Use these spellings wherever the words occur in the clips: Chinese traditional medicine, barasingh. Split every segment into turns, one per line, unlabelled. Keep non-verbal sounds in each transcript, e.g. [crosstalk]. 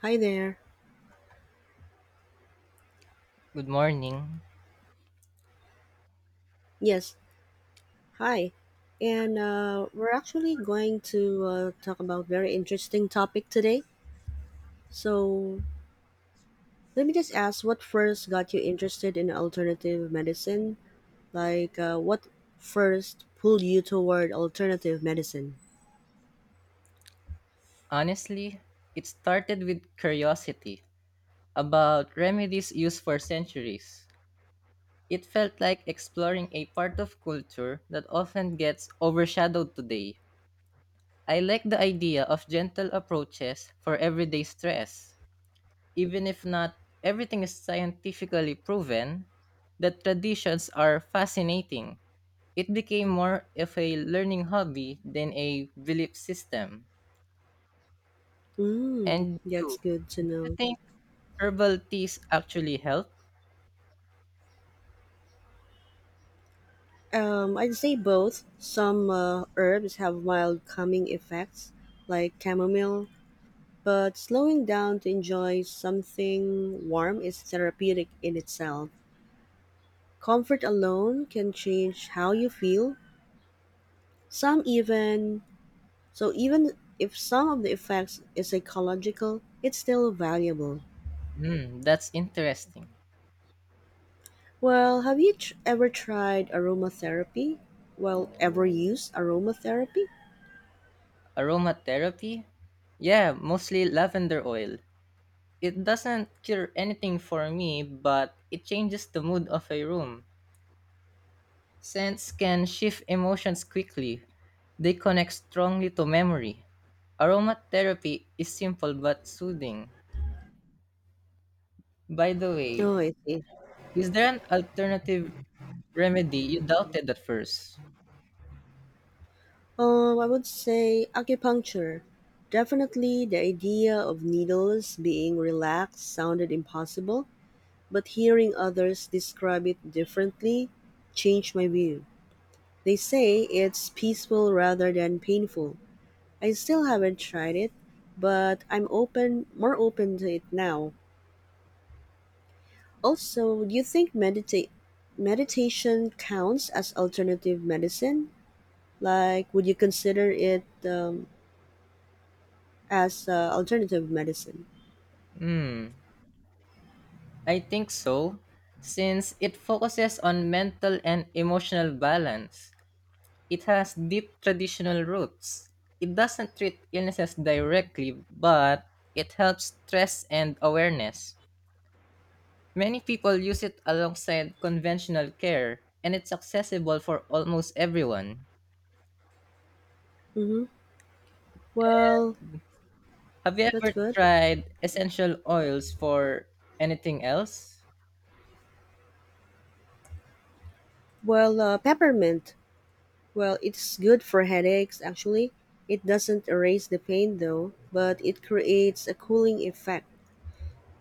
Hi there.
Good morning.
Yes, hi. And we're actually going to talk about very interesting topic today. So let me just ask, what first got you interested in alternative medicine? Like, what first pulled you toward alternative medicine?
Honestly, it started with curiosity about remedies used for centuries. It felt like exploring a part of culture that often gets overshadowed today. I like the idea of gentle approaches for everyday stress. Even if not everything is scientifically proven, the traditions are fascinating. It became more of a learning hobby than a belief system.
Mm,
And
that's
you,
good to
do you
know.
think herbal teas actually help?
I'd say both. Some herbs have mild calming effects, like chamomile, but slowing down to enjoy something warm is therapeutic in itself. Comfort alone can change how you feel. Some even so even if some of the effects is psychological, it's still valuable.
Hmm, that's interesting.
Well, have you ever tried aromatherapy? Well, ever used aromatherapy?
Aromatherapy? Yeah, mostly lavender oil. It doesn't cure anything for me, but it changes the mood of a room. Scents can shift emotions quickly, they connect strongly to memory. Aromatherapy is simple but soothing. By the way,
Oh, I see.
is there an alternative remedy you doubted at first?
I would say acupuncture. Definitely, the idea of needles being relaxed sounded impossible, but hearing others describe it differently changed my view. They say it's peaceful rather than painful. I still haven't tried it, but I'm open, more open to it now. Also, do you think meditate meditation counts as alternative medicine? Like, would you consider it as alternative medicine?
Hmm. I think so, since it focuses on mental and emotional balance. It has deep traditional roots. It doesn't treat illnesses directly, but it helps stress and awareness. Many people use it alongside conventional care, and it's accessible for almost everyone.
Mm-hmm. Well,
Have you
that's
ever
good.
tried essential oils for anything else?
Well, uh, peppermint Well, it's good for headaches, actually. It doesn't erase the pain though, but it creates a cooling effect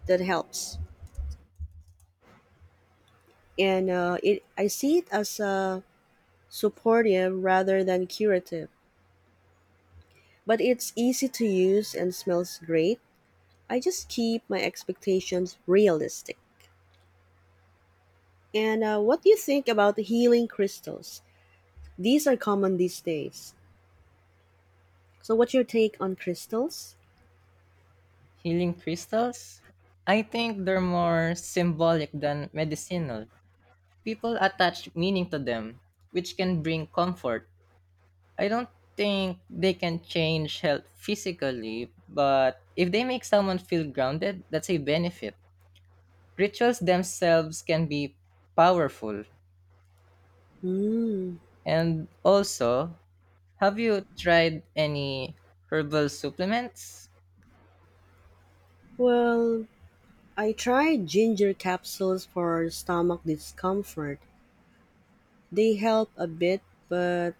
that helps. And I see it as a supportive rather than curative. But it's easy to use and smells great. I just keep my expectations realistic. And what do you think about the healing crystals? These are common these days. So, what's your take on crystals?
Healing crystals? I think they're more symbolic than medicinal. People attach meaning to them, which can bring comfort. I don't think they can change health physically, but if they make someone feel grounded, that's a benefit. Rituals themselves can be powerful.
Mm.
And also, have you tried any herbal supplements?
Well, I tried ginger capsules for stomach discomfort. They help a bit, but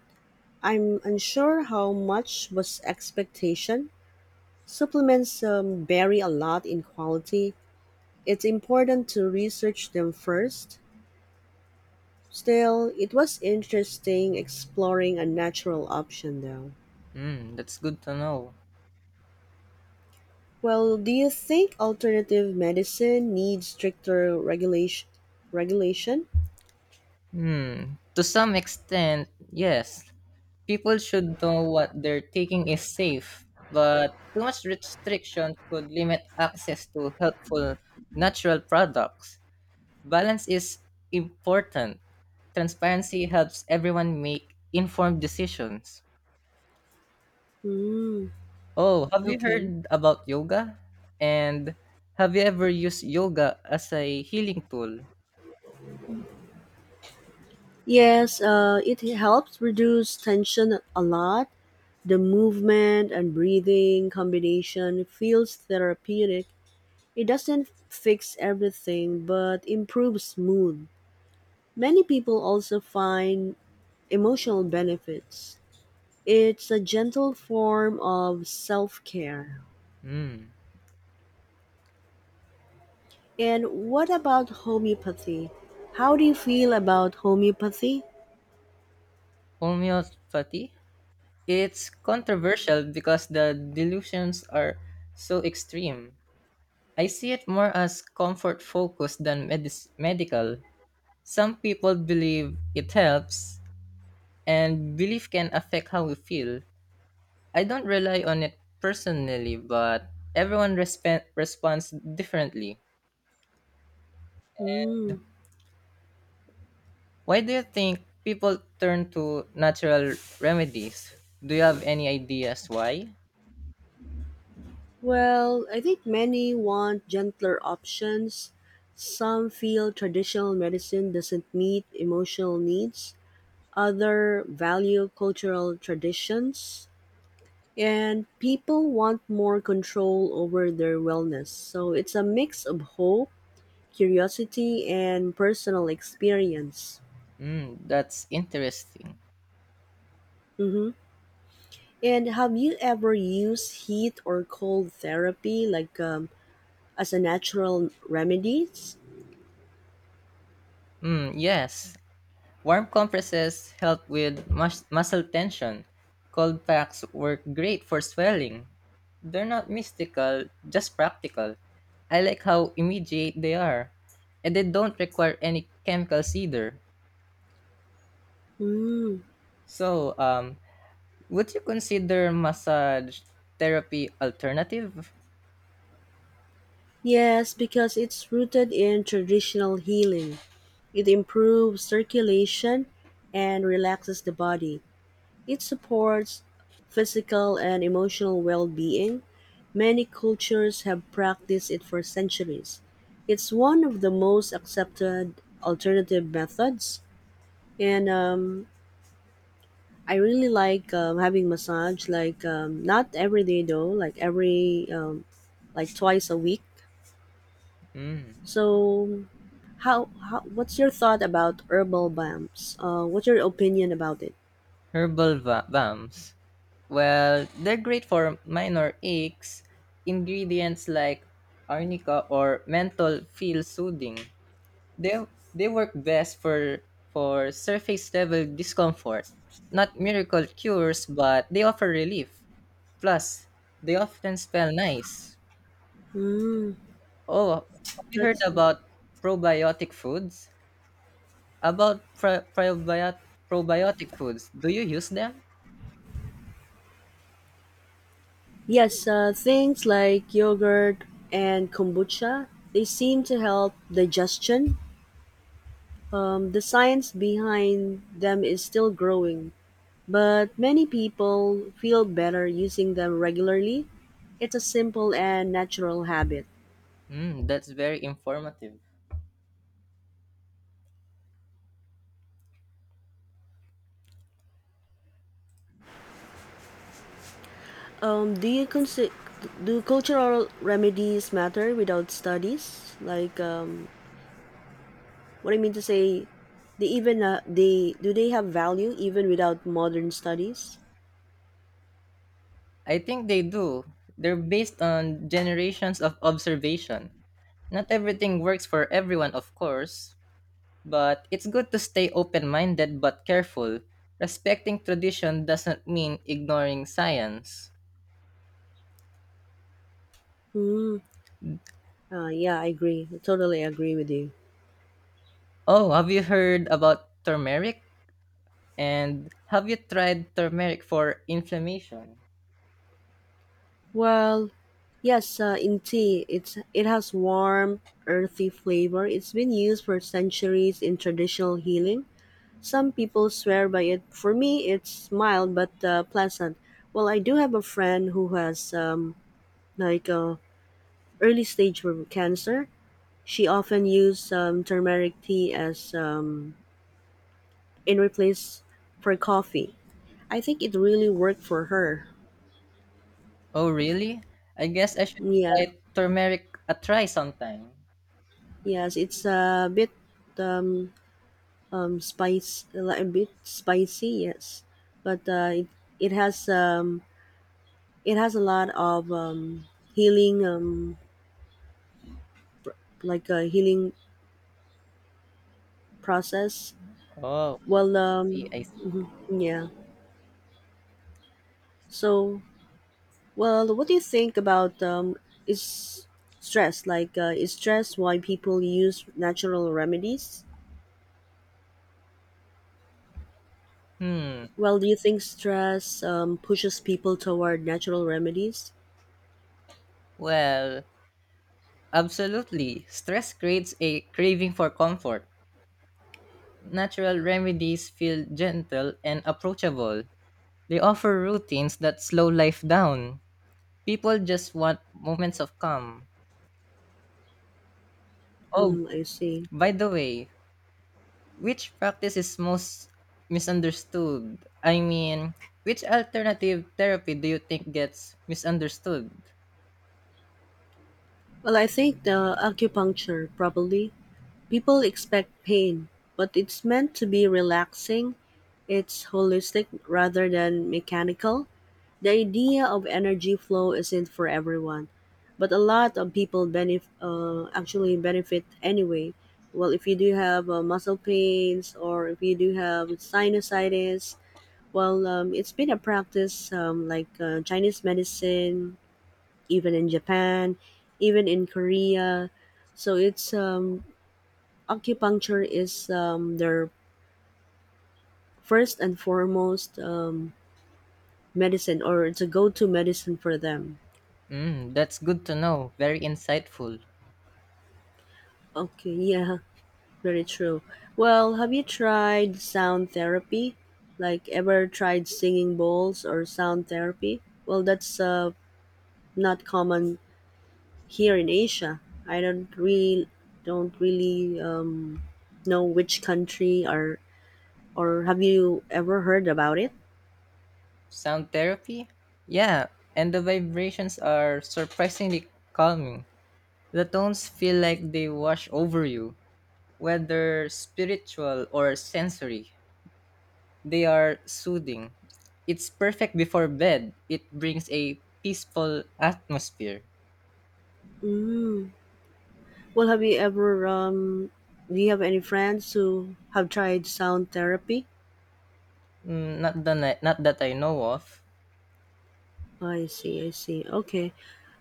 I'm unsure how much was expectation. Supplements vary a lot in quality. It's important to research them first. Still, it was interesting exploring a natural option though.
Hmm, that's good to know.
Well, do you think alternative medicine needs stricter regulation? Regulation?
Hmm, to some extent, yes. People should know what they're taking is safe, but too much restriction could limit access to helpful natural products. Balance is important. Transparency helps everyone make informed decisions.
Hmm,
Oh, have you
okay.
heard about yoga? And have you ever used yoga as a healing tool?
Yes, it helps reduce tension a lot. The movement and breathing combination feels therapeutic. It doesn't fix everything but improves mood. Many people also find emotional benefits. It's a gentle form of self care.
Hmm.
And what about homeopathy? How do you feel about homeopathy?
Homeopathy? It's controversial because the delusions are so extreme. I see it more as comfort focused than medical. Some people believe it helps, and belief can affect how we feel. I don't rely on it personally, but everyone responds differently.
Hmm.
Why do you think people turn to natural remedies? Do you have any ideas why?
Well, I think many want gentler options. Some feel traditional medicine doesn't meet emotional needs. Other value cultural traditions. And people want more control over their wellness. So it's a mix of hope, curiosity, and personal experience.
Mm, that's interesting.
Mm-hmm. And have you ever used heat or cold therapy like as a natural remedies?
Mm, yes, warm compresses help with muscle tension. Cold packs work great for swelling. They're not mystical, just practical. I like how immediate they are, and they don't require any chemicals either.
Mm.
So, would you consider massage therapy alternative?
Yes, because it's rooted in traditional healing. It improves circulation and relaxes the body. It supports physical and emotional well being. Many cultures have practiced it for centuries. It's one of the most accepted alternative methods. And I really like having massage, like not every day though, like every, like twice a week.
Mm.
So, how what's your thought about herbal balms? What's your opinion about it?
Herbal balms. Well, they're great for minor aches. Ingredients like arnica or menthol feel soothing. They they work best for surface level discomfort, not miracle cures, but they offer relief. Plus, they often smell nice.
Mm,
Oh, have you heard
that's
about probiotic foods? About probiotic foods, do you use them?
yes. Things like yogurt and kombucha they seem to help digestion. The science behind them is still growing, but many people feel better using them regularly. It's a simple and natural habit.
Mm, that's very informative.
Do you consider do cultural remedies matter without studies? Like, what I mean to say, they have value even without modern studies?
I think they do. They're based on generations of observation. Not everything works for everyone, of course, but it's good to stay open minded but careful. Respecting tradition doesn't mean ignoring science.
Hmm. Yeah, I agree. I totally agree with you.
Oh, have you heard about turmeric? And have you tried turmeric for inflammation?
Well, yes, in tea, it has warm, earthy flavor. It's been used for centuries in traditional healing. Some people swear by it. For me, it's mild but pleasant. Well, I do have a friend who has like early stage for cancer. She often used turmeric tea as in replace for coffee. I think it really worked for her.
Oh, really? I guess I should
Yeah,
try turmeric a try sometime.
yes, it's um, a bit spicy, yes, but it has um it has a lot of healing like a healing process.
Oh,
Well,
I see, I
um
see.
yeah, so Well, what do you think about is stress? Like, is stress why people use natural remedies?
Hmm.
Well, do you think stress pushes people toward natural remedies?
Well, absolutely. Stress creates a craving for comfort. Natural remedies feel gentle and approachable. They offer routines that slow life down. People just want moments of calm. Oh,
Hmm, I see.
by the way, which practice is most misunderstood? I mean, which alternative therapy do you think gets misunderstood?
Well, I think the acupuncture probably. People expect pain, but it's meant to be relaxing. It's holistic rather than mechanical. The idea of energy flow isn't for everyone, but a lot of people actually benefit anyway. Well, if you do have muscle pains or if you do have sinusitis, well, it's been a practice like Chinese medicine, even in Japan, even in Korea. So it's Acupuncture is their first and foremost medicine, or it's a go-to medicine for them.
Mm, that's good to know. Very insightful.
Okay, yeah. Very true. Well, have you tried sound therapy? Like, ever tried singing bowls or sound therapy? Well, that's not common here in Asia. I don't really know which country or have you ever heard about it?
Sound therapy? Yeah, and the vibrations are surprisingly calming. The tones feel like they wash over you, whether spiritual or sensory. They are soothing. It's perfect before bed. It brings a peaceful atmosphere.
Mm. Well, have you ever do you have any friends who have tried sound therapy?
Mm, not the not that I know of.
I see, I see. Okay.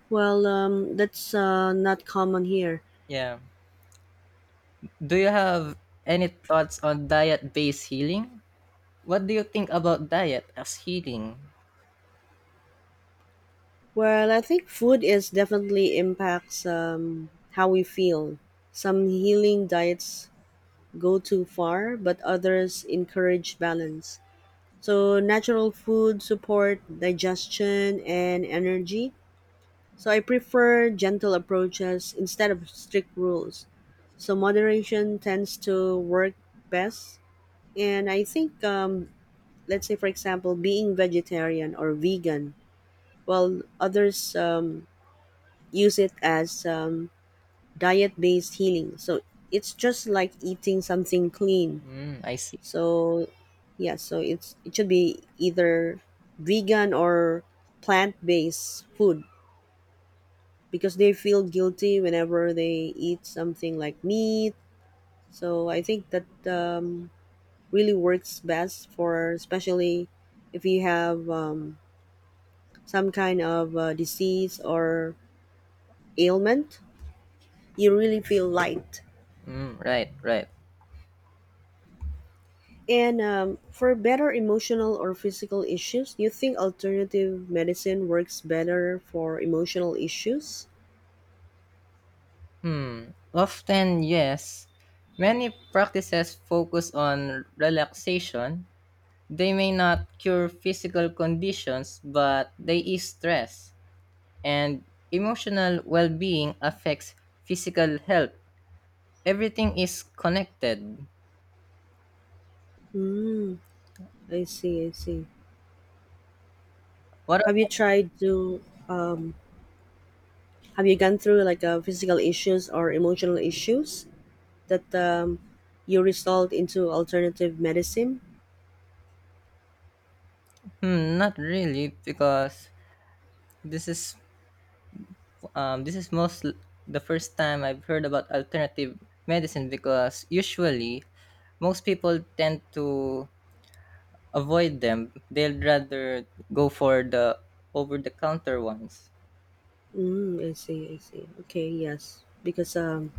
Well, that's not common here.
Yeah. Do you have any thoughts on diet-based healing? What do you think about diet as healing?
Well, I think food is definitely impacts how we feel. Some healing diets go too far, but others encourage balance. So natural food support digestion and energy. So I prefer gentle approaches instead of strict rules. So moderation tends to work best. And I think, let's say, for example, being vegetarian or vegan, while others use it as diet based healing. So it's just like eating something clean.
Mm, I see.
So yeah, so it should be either vegan or plant based food because they feel guilty whenever they eat something like meat. So I think that really works best for especially if you have some kind of disease or ailment. You really feel light.
Mm, right, right.
And for better emotional or physical issues, do you think alternative medicine works better for emotional issues?
Hmm. Often, yes. Many practices focus on relaxation. They may not cure physical conditions, but they ease stress, and emotional well-being affects physical health. Everything is connected.
Hmm. I see. I see.
What?
Have you
ab-
tried to? Um, have you gone through like physical issues or emotional issues that you resolved into alternative medicine?
Hmm, not really, because this is this is most the first time I've heard about alternative medicine. Because usually, most people tend to avoid them. They'll rather go for the over-the-counter ones.
Mm, I see, I see. Okay, yes. Because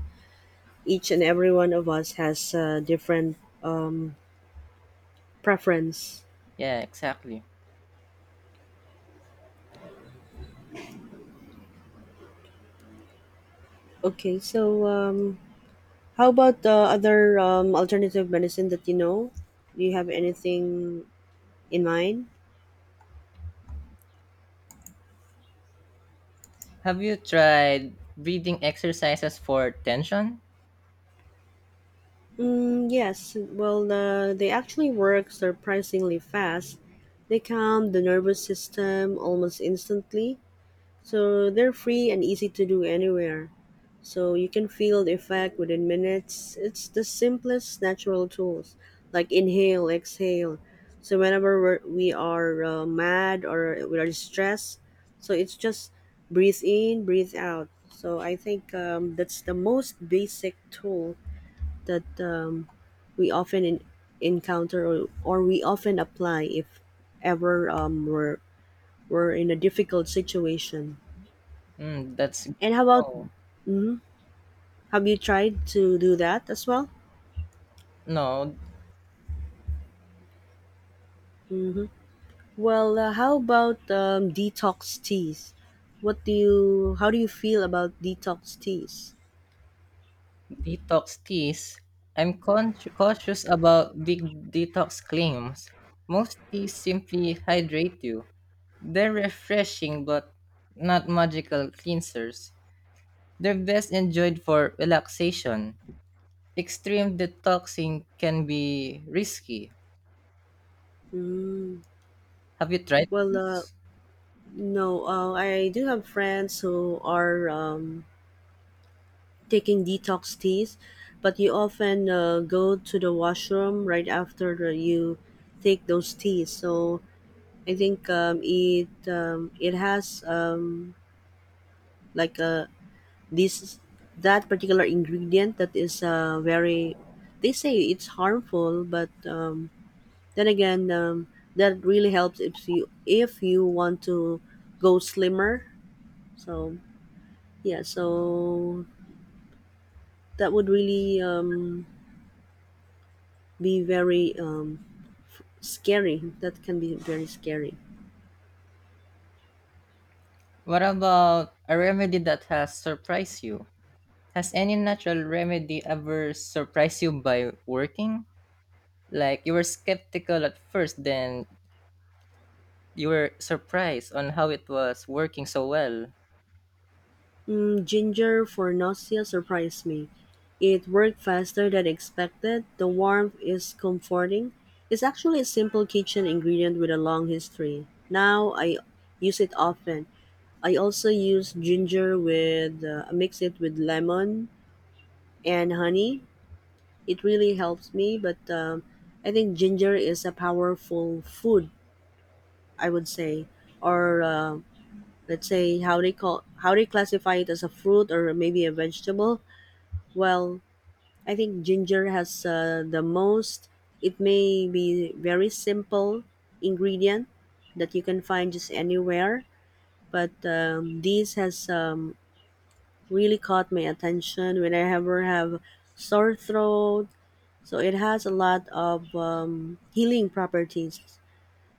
each and every one of us has different um, preference.
Yeah, exactly.
Okay, so how about the other alternative medicine that you know? Do you have anything in mind?
Have you tried breathing exercises for tension?
Mm, yes. Well, they actually work surprisingly fast. They calm the nervous system almost instantly, so they're free and easy to do anywhere. So you can feel the effect within minutes. It's the simplest natural tools, like inhale, exhale. So whenever we are mad or we are stressed, so it's just breathe in, breathe out. So I think that's the most basic tool that we often encounter or we often apply if ever we're in a difficult situation.
Mm, that's good
And how
to
about?
know.
Mhm. Have you tried to do that as well?
No,
Well, how about detox teas? What do you? How do you feel about detox teas?
detox teas. I'm cautious about big detox claims. Most teas simply hydrate you. They're refreshing but not magical cleansers. They're best enjoyed for relaxation. Extreme detoxing can be risky.
Mm,
Have you tried
well,
those?
no, I do have friends who are taking detox teas, but you often go to the washroom right after you take those teas. So I think it has like a this that particular ingredient that is very. They say it's harmful, but then again, that really helps if you want to go slimmer. So yeah, so that would really be very scary. That can be very scary.
What about a remedy that has surprised you? Has any natural remedy ever surprised you by working? Like you were skeptical at first, then you were surprised on how it was working so well.
Mm, ginger for nausea surprised me. It worked faster than expected. The warmth is comforting. It's actually a simple kitchen ingredient with a long history. Now I use it often. I also use ginger with mix it with lemon and honey. It really helps me. But I think ginger is a powerful food. I would say, or let's say how they call how they classify it as a fruit or maybe a vegetable. Well, I think ginger has the most. It may be very simple ingredient that you can find just anywhere, but this has really caught my attention when I ever have sore throat. So it has a lot of healing properties.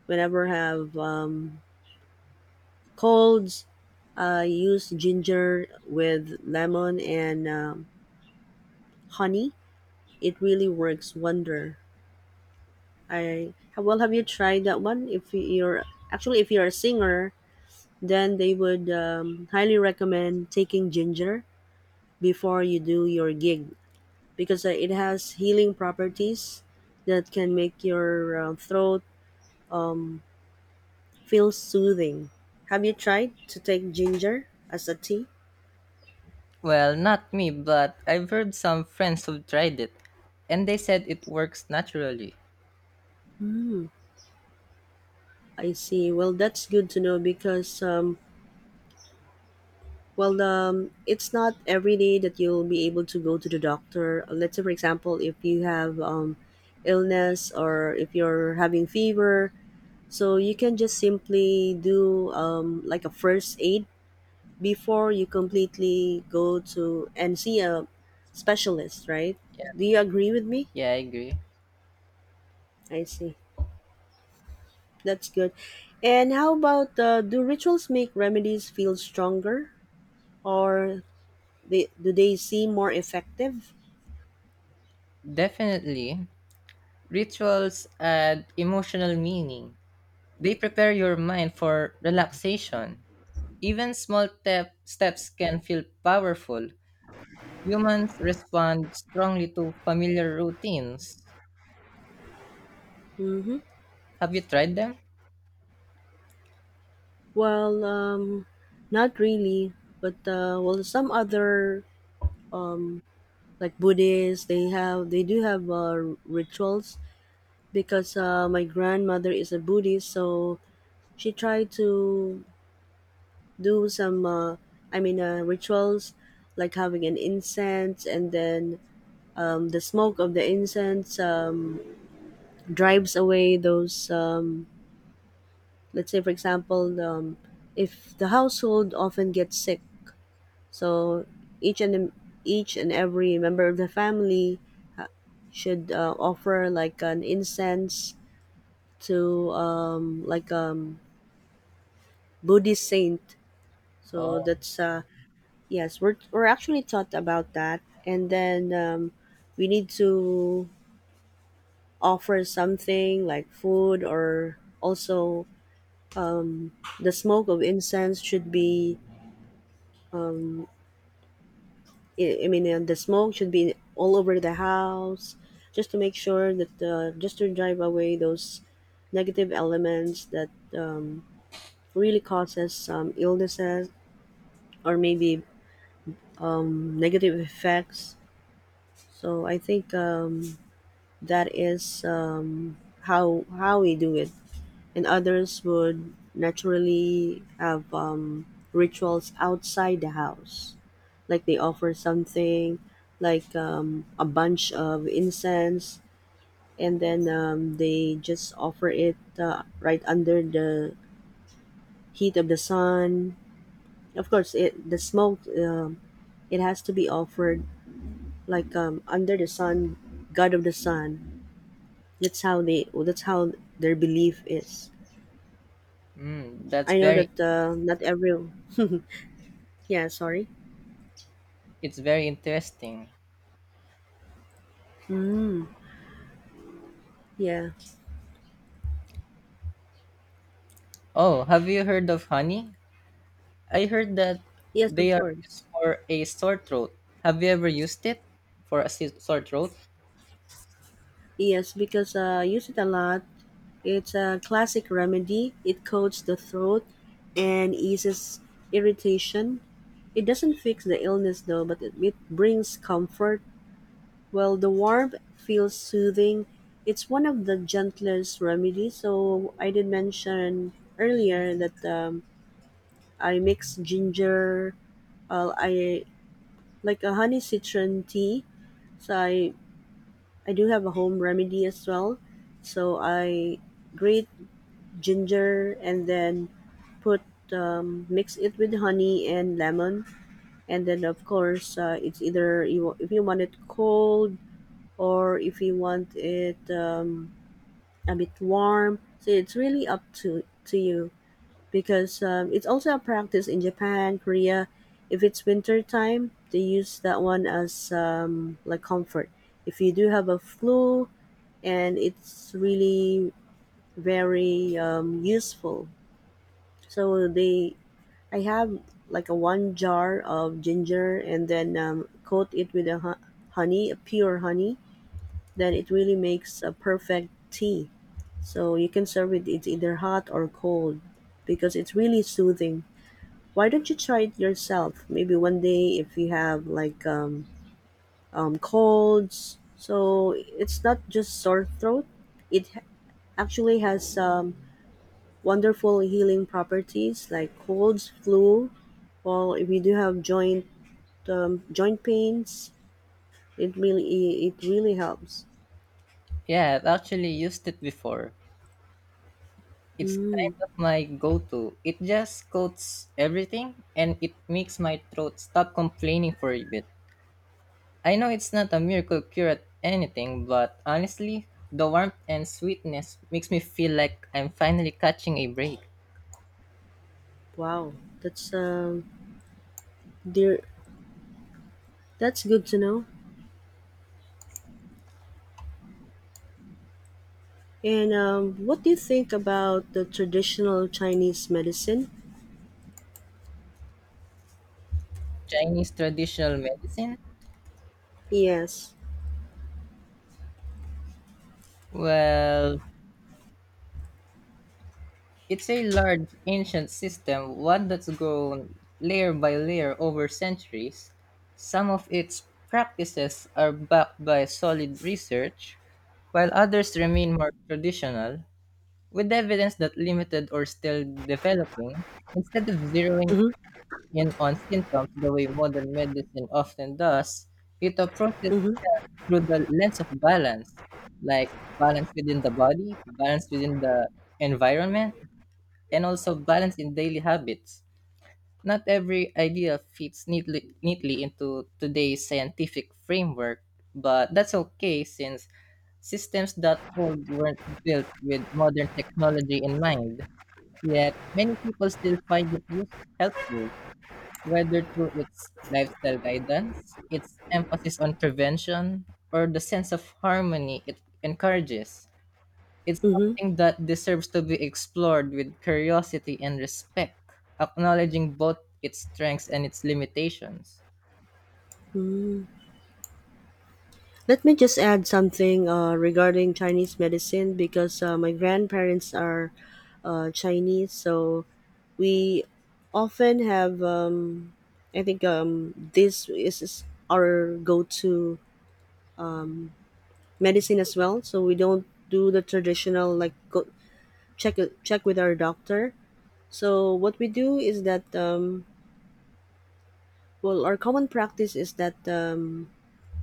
Whenever I have colds, I use ginger with lemon and honey. It really works wonder. I Well, have you tried that one? If you're actually if you're a singer, then they would highly recommend taking ginger before you do your gig because it has healing properties that can make your throat um, feel soothing. Have you tried to take ginger as a tea?
Well, not me, but I've heard some friends who tried it and they said it works naturally.
Mm, I see. Well, that's good to know because well, it's not every day that you'll be able to go to the doctor. Let's say, for example, if you have illness or if you're having fever, so you can just simply do like a first aid before you completely go to and see a specialist, right? Do you agree with me?
Yeah, I agree.
I see. That's good. And how about do rituals make remedies feel stronger or do they seem more effective?
Definitely, rituals add emotional meaning. They prepare your mind for relaxation. Even steps can feel powerful. Humans respond strongly to familiar routines. Have you tried them?
Well, um, Not really, but some other like Buddhists, they do have rituals because my grandmother is a Buddhist, so she tried to do some, rituals like having an incense, and then the smoke of the incense drives away those. Let's say, for example, if the household often gets sick. So each and each and every member of the family uh, should offer like an incense to Buddhist saint. So
Oh,
that's yes, we're actually taught about that, and then we need to offer something like food or also the smoke of incense should be the smoke should be all over the house, just to make sure that just to drive away those negative elements that um, really causes some illnesses or maybe negative effects. So I think that is how we do it. And others would naturally have rituals outside the house. Like they offer something, like a bunch of incense, and then they just offer it right under the heat of the sun. Of course, it the smoke it has to be offered like under the sun, God of the sun. That's how they. That's how their belief is.
mm, that's
I know
very
that not everyone. [laughs] Yeah, sorry.
it's very interesting.
Yeah.
Oh, have you heard of honey? I heard that
Yes,
they
of
are used
course.
for a sore throat. Have you ever used it for a sore throat?
Yes, because I use it a lot. It's a classic remedy. It coats the throat and eases irritation. It doesn't fix the illness though, but it brings comfort. Well, the warmth feels soothing. It's one of the gentlest remedies. So I did mention earlier that I mix ginger. I Like a honey citron tea. So I do have a home remedy as well. So I grate ginger and then put mix it with honey and lemon, and then of course it's either if you want it cold or if you want it a bit warm. So it's really up to you because it's also a practice in Japan, Korea. If it's winter time, they use that one as like comfort. If you do have a flu, and it's really very useful. So I have like a one jar of ginger, and then coat it with a honey, a pure honey. Then it really makes a perfect tea. So you can serve it. It's either hot or cold, because it's really soothing. Why don't you try it yourself? Maybe one day if you have like colds. So it's not just sore throat. It ha- actually has wonderful healing properties like colds, flu. Well, if you do have joint pains, it really helps.
Yeah, I've actually used it before. It's
Mm,
kind of my go-to. It just coats everything and it makes my throat stop complaining for a bit. I know it's not a miracle cure at anything, but honestly, the warmth and sweetness makes me feel like I'm finally catching a break.
wow, that's dear. That's good to know. And what do you think about the traditional Chinese medicine?
Chinese traditional medicine?
Yes.
Well, it's a large ancient system, one that's grown layer by layer over centuries. Some of its practices are backed by solid research, while others remain more traditional, with evidence that limited or still developing, instead of zeroing
Mhm,
in on symptoms the way modern medicine often does, it approaches
mhm,
health through the lens of balance, like balance within the body, balance within the environment, and also balance in daily habits. Not every idea fits neatly into today's scientific framework, but that's okay since systems that old weren't built with modern technology in mind. Yet many people still find it use helpful whether through its lifestyle guidance, its emphasis on prevention, or the sense of harmony it encourages. It's
mhm,
something that deserves to be explored with curiosity and respect, acknowledging both its strengths and its limitations.
mm. Let me just add something regarding Chinese medicine because my grandparents are Chinese, so we often have. I think this is our go-to medicine as well. So we don't do the traditional like go check check with our doctor. So what we do is that well, our common practice is that.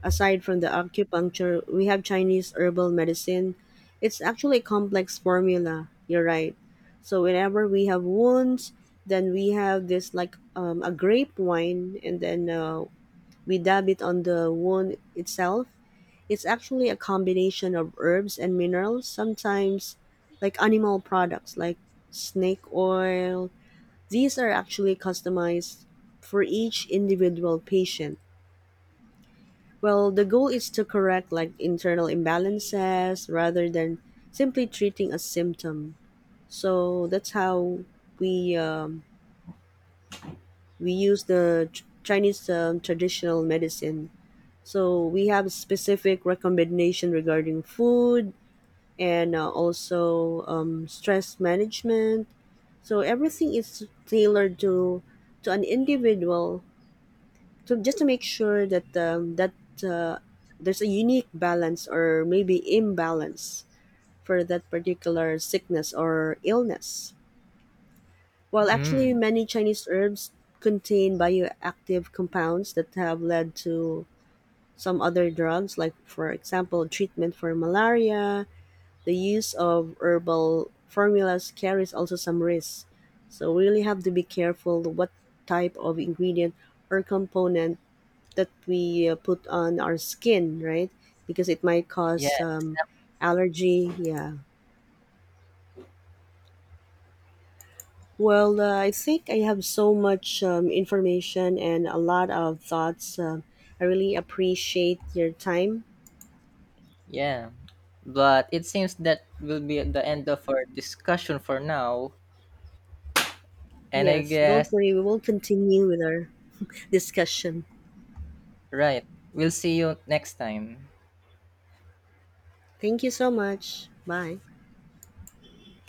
Aside from the acupuncture, we have Chinese herbal medicine. It's actually a complex formula. You're right. So whenever we have wounds, then we have this like a grape wine, and then we dab it on the wound itself. It's actually a combination of herbs and minerals. Sometimes, like animal products, like snake oil. These are actually customized for each individual patient. Well, the goal is to correct like internal imbalances rather than simply treating a symptom. So that's how we um, we use the Chinese traditional medicine. So we have specific recommendation regarding food and also stress management. So everything is tailored to an individual. So just to make sure that uh, there's a unique balance or maybe imbalance for that particular sickness or illness. While actually
Mm,
many Chinese herbs contain bioactive compounds that have led to some other drugs, like for example, treatment for malaria, the use of herbal formulas carries also some risks. So we really have to be careful what type of ingredient or component that we put on our skin, right? Because it might cause
yeah,
allergy. Yeah. Well, I think I have so much information and a lot of thoughts. I really appreciate your time.
yeah. But it seems that will be the end of our discussion for now. And I
Yes, don't
guess,
worry, we will continue with our [laughs] discussion.
right, we'll see you next time.
Thank you so much. Bye.